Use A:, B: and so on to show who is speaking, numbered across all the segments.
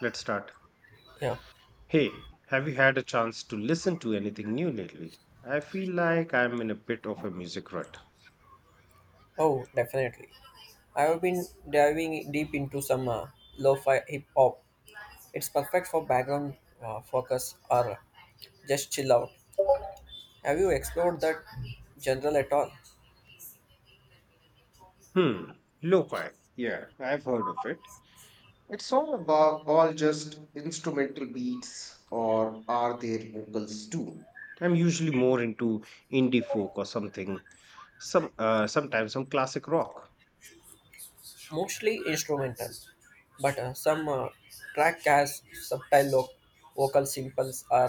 A: Let's start.
B: Yeah.
A: Hey, have you had a chance to listen to anything new lately? I feel like I'm in a bit of a music rut.
B: Oh, definitely. I have been diving deep into some lo-fi hip hop. It's perfect for background focus or just chill out. Have you explored that genre at all?
A: Hmm, lo-fi. Yeah, I've heard of it. It's all about all just instrumental beats, or are there vocals too? I'm usually more into indie folk or something. Some sometimes some classic rock.
B: Mostly instrumental, but some track has subtle vocal samples or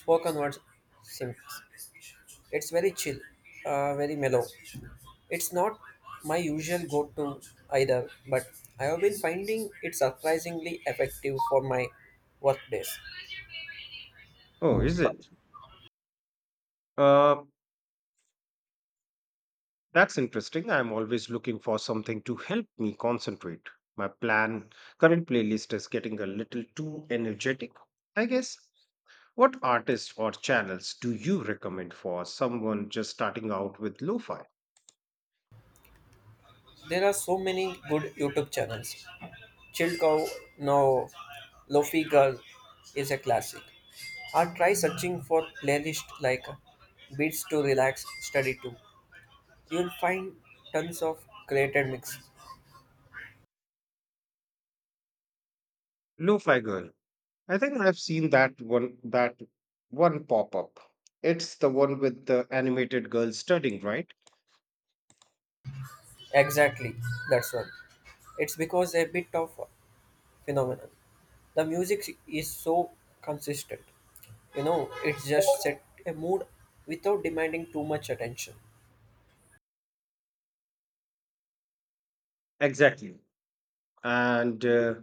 B: spoken word samples. It's very chill, very mellow. It's not my usual go to either, but I have been finding it surprisingly effective for my work days.
A: Oh, is it? Uh, That's interesting. I'm always looking for something to help me concentrate. My plan current playlist is getting a little too energetic, I guess. What artists or channels do you recommend for someone just starting out with lo-fi?
B: There are so many good YouTube channels. Chill Cow, no, Lofi Girl is a classic. Or try searching for playlist like Beats to Relax, Study to. You'll find tons of created mix.
A: Lo-fi girl. I think I've seen that one pop up. It's the one with the animated girl studying, right?
B: Exactly, that's one. It's because a bit of phenomenon. The music is so consistent. You know, it just set a mood without demanding too much attention.
A: Exactly. And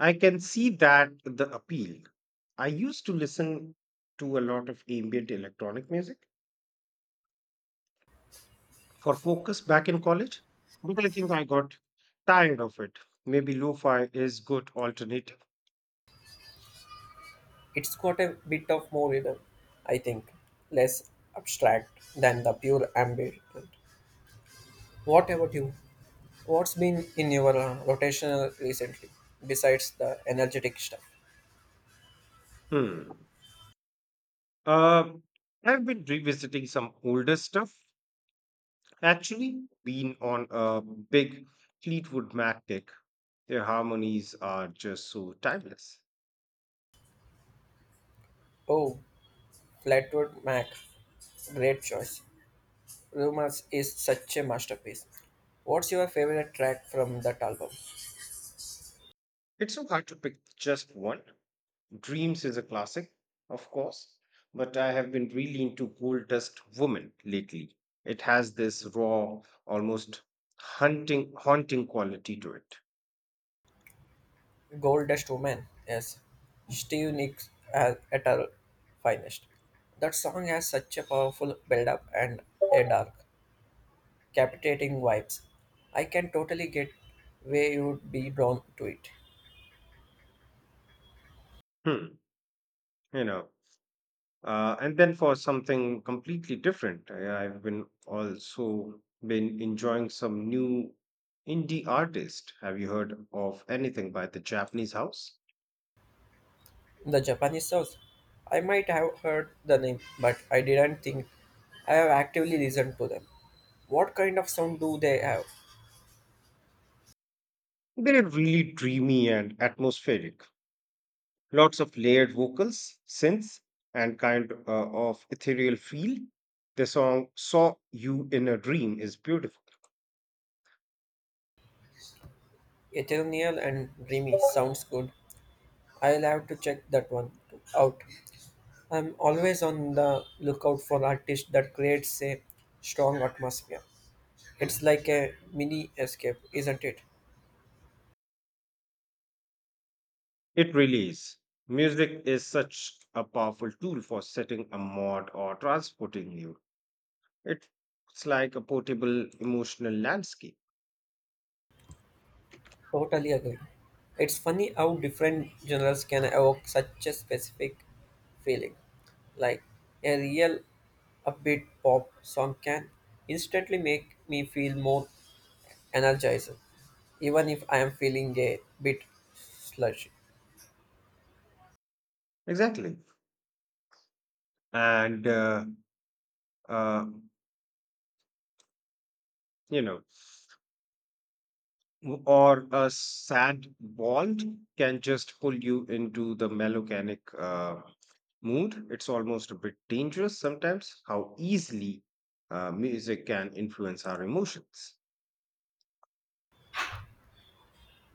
A: I can see that the appeal. I used to listen to a lot of ambient electronic music for focus back in college, but I think I got tired of it. Maybe lo-fi is good alternative.
B: It's got a bit of more rhythm, I think, less abstract than the pure ambient. What about you? What's been in your rotation recently, besides the energetic stuff?
A: Hmm. Uh, I've been revisiting some older stuff. Actually, been on a big Fleetwood Mac kick. Their harmonies are just so timeless.
B: Oh, Flatwood Mac, great choice. Rumors is such a masterpiece. What's your favorite track from that album?
A: It's so hard to pick just one. Dreams is a classic, of course, but I have been really into Gold Dust Woman lately. It has this raw, almost haunting quality to it.
B: Goldest Woman, yes. Steve Nicks at her finest. That song has such a powerful build-up and a dark, captivating vibes. I can totally get where you would be drawn to it.
A: Hmm, you know. And then for something completely different, I've been also been enjoying some new indie artist. Have you heard of anything by the Japanese House?
B: The Japanese songs, I might have heard the name, but I didn't think I have actively listened to them. What kind of sound do they have?
A: They're really dreamy and atmospheric. Lots of layered vocals, synths, and kind of ethereal feel. The song Saw You in a Dream is beautiful.
B: Ethereal and dreamy sounds good. I'll have to check that one out. I'm always on the lookout for artists that creates a strong atmosphere. It's like a mini escape, isn't it?
A: It really is. Music is such a powerful tool for setting a mood or transporting you. It's like a portable emotional landscape.
B: Totally agree. It's funny how different genres can evoke such a specific feeling. Like a real upbeat pop song can instantly make me feel more energized, even if I am feeling a bit sludgy.
A: Exactly. And, uh, uh, you know, or a sad bald can just pull you into the melancholic mood. It's almost a bit dangerous sometimes how easily music can influence our emotions.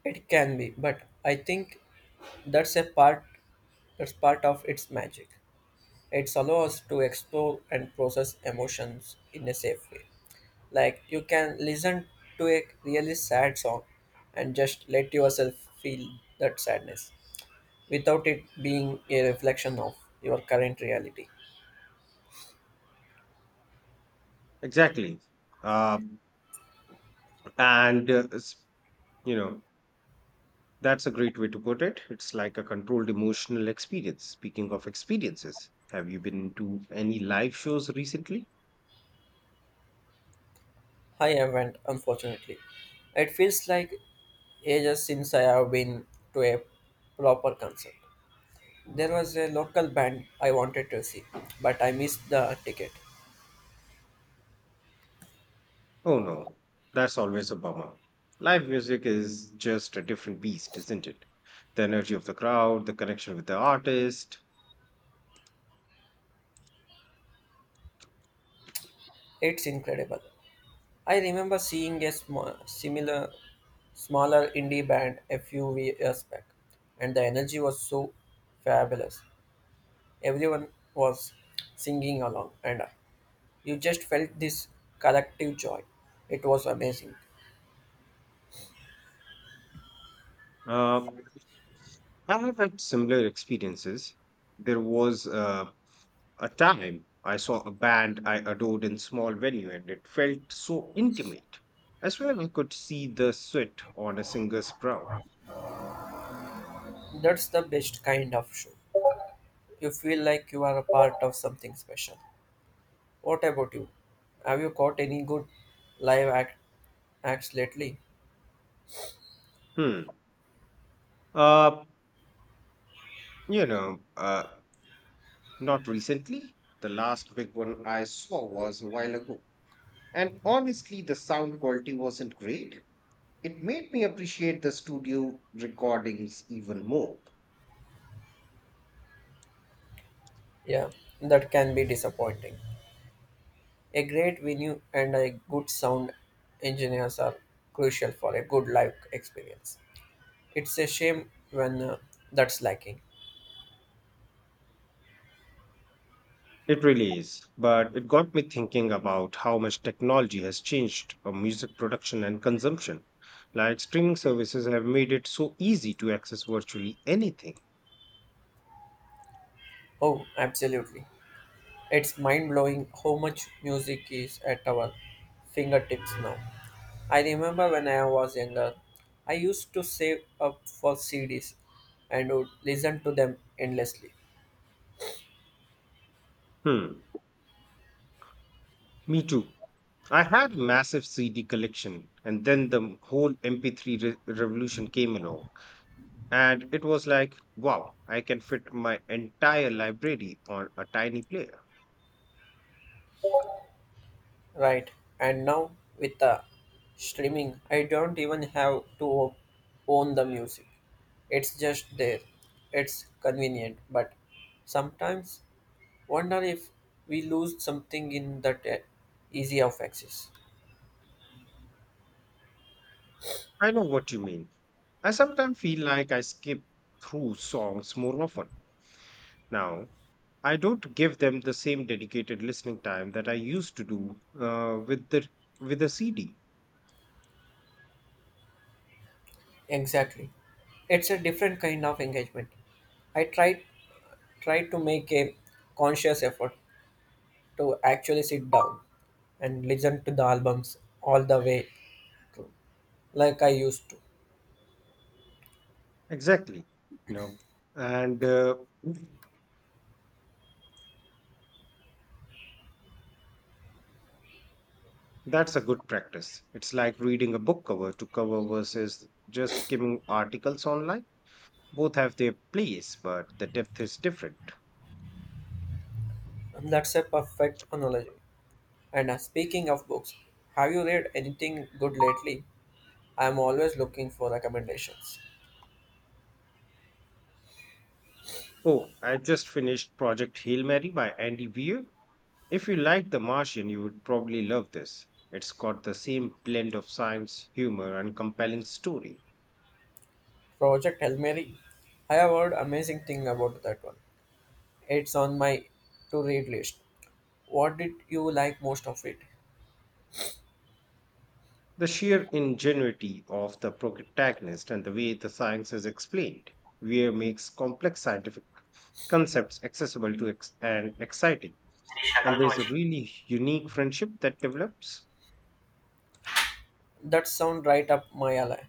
B: It can be, but I think that's a part That's part of its magic. It allows us to explore and process emotions in a safe way. Like you can listen to a really sad song and just let yourself feel that sadness without it being a reflection of your current reality.
A: Exactly. Uh, and, s- you know, That's a great way to put it. It's like a controlled emotional experience. Speaking of experiences, have you been to any live shows recently?
B: I haven't, unfortunately. It feels like ages since I have been to a proper concert. There was a local band I wanted to see, but I missed the ticket.
A: Oh no, that's always a bummer. Live music is just a different beast, isn't it? The energy of the crowd, the connection with the artist.
B: It's incredible. I remember seeing a smaller indie band a few years back, and the energy was so fabulous. Everyone was singing along, and you just felt this collective joy. It was amazing.
A: Uh, I have had similar experiences. There was a time I saw a band I adored in small venue, and it felt so intimate. I swear I could see the sweat on a singer's brow.
B: That's the best kind of show. You feel like you are a part of something special. What about you? Have you caught any good live act- acts lately?
A: Hmm. Uh, you know, uh, not recently. The last big one I saw was a while ago. And honestly, the sound quality wasn't great. It made me appreciate the studio recordings even more.
B: Yeah, that can be disappointing. A great venue and a good sound engineers are crucial for a good live experience. It's a shame when that's lacking.
A: It really is, but it got me thinking about how much technology has changed music production and consumption. Like streaming services have made it so easy to access virtually anything.
B: Oh, absolutely. It's mind blowing how much music is at our fingertips now. I remember when I was younger, I used to save up for CDs and would listen to them endlessly.
A: Hmm. Me too. I had a massive CD collection, and then the whole revolution came along. And it was like, wow, I can fit my entire library on a tiny player.
B: Right. And now with the streaming, I don't even have to own the music. It's just there. It's convenient, but sometimes wonder if we lose something in that easy of access.
A: I know what you mean. I sometimes feel like I skip through songs more often. Now, I don't give them the same dedicated listening time that I used to do with the CD.
B: Exactly. It's a different kind of engagement. I tried to make a conscious effort to actually sit down and listen to the albums all the way like I used to.
A: Exactly. You know, and that's a good practice. It's like reading a book cover to cover versus just skimming articles online. Both have their place, but the depth is different.
B: That's a perfect analogy. And speaking of books, have you read anything good lately? I'm always looking for recommendations.
A: Oh, I just finished Project Hail Mary by Andy Weir. If you like The Martian, you would probably love this. It's got the same blend of science, humor, and compelling story.
B: Project Hail Mary. I have heard amazing thing about that one. It's on my to-read list. What did you like most of it?
A: The sheer ingenuity of the protagonist and the way the science is explained. Weir makes complex scientific concepts accessible and exciting. And there's a really unique friendship that develops.
B: That sound right up my alley.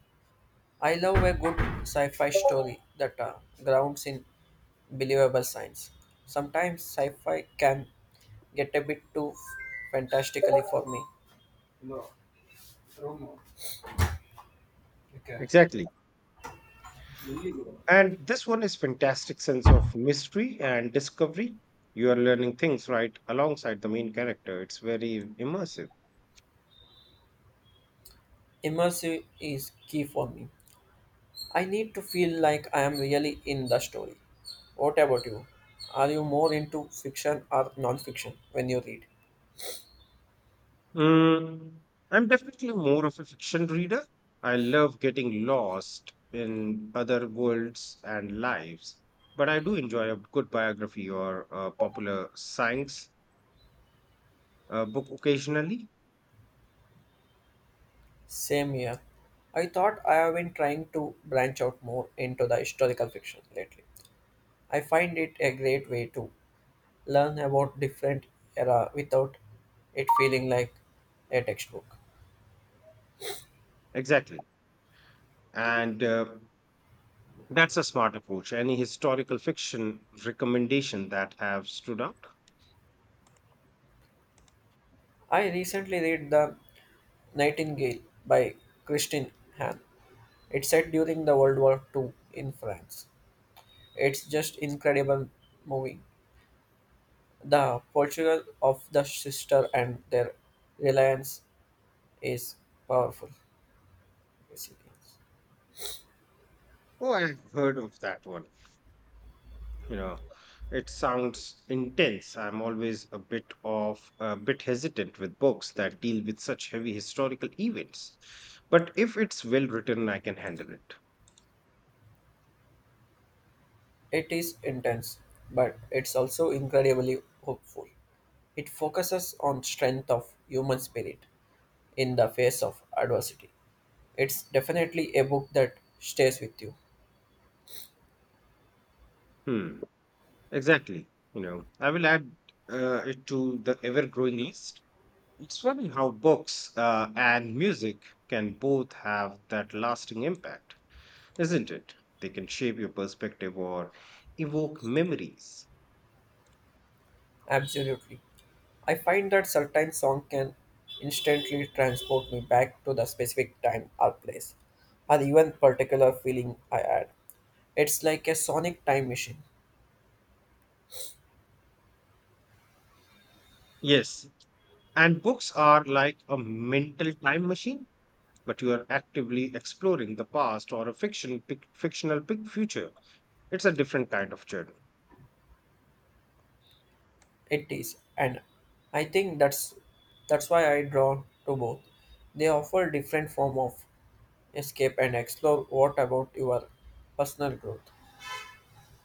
B: I love a good sci-fi story that grounds in believable science. Sometimes sci-fi can get a bit too fantastically for me. No, Romo. Okay.
A: Exactly.
B: Really?
A: And this one is fantastic sense of mystery and discovery. You are learning things right alongside the main character. It's very immersive.
B: Immersive is key for me. I need to feel like I am really in the story. What about you? Are you more into fiction or non-fiction when you read?
A: Mm, I'm definitely more of a fiction reader. I love getting lost in other worlds and lives, but I do enjoy a good biography or a popular science book occasionally.
B: Same here. I thought I have been trying to branch out more into the historical fiction lately. I find it a great way to learn about different era without it feeling like a textbook.
A: Exactly. And that's a smart approach. Any historical fiction recommendation that have stood out?
B: I recently read the Nightingale by Christine Hahn. It's set during the World War Two in France. It's just incredible moving. The portrayal of the sister and their reliance is powerful.
A: Oh, I've heard of that one. You know, it sounds intense. I'm always a bit of a bit hesitant with books that deal with such heavy historical events. But if it's well written, I can handle it.
B: It is intense, but it's also incredibly hopeful. It focuses on strength of human spirit in the face of adversity. It's definitely a book that stays with you.
A: Hmm, exactly. You know, I will add it to the ever growing list. It's funny how books and music can both have that lasting impact, isn't it? They can shape your perspective or evoke memories.
B: Absolutely. I find that certain song can instantly transport me back to the specific time or place, or even particular feeling I had. It's like a sonic time machine.
A: Yes, and books are like a mental time machine, but you are actively exploring the past or a fictional pic future. It's a different kind of journey.
B: It is, and I think that's why I draw to both. They offer different form of escape and explore. What about your personal growth?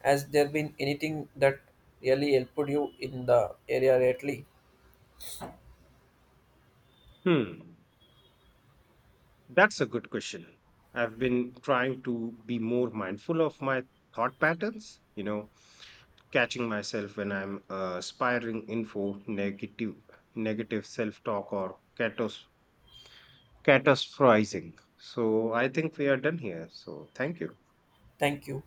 B: Has there been anything that really helped you in the area lately?
A: Hmm, that's a good question. I've been trying to be more mindful of my thought patterns, you know, catching myself when I'm spiraling info negative self talk or catastrophizing. So I think we are done here. So thank you.
B: Thank you.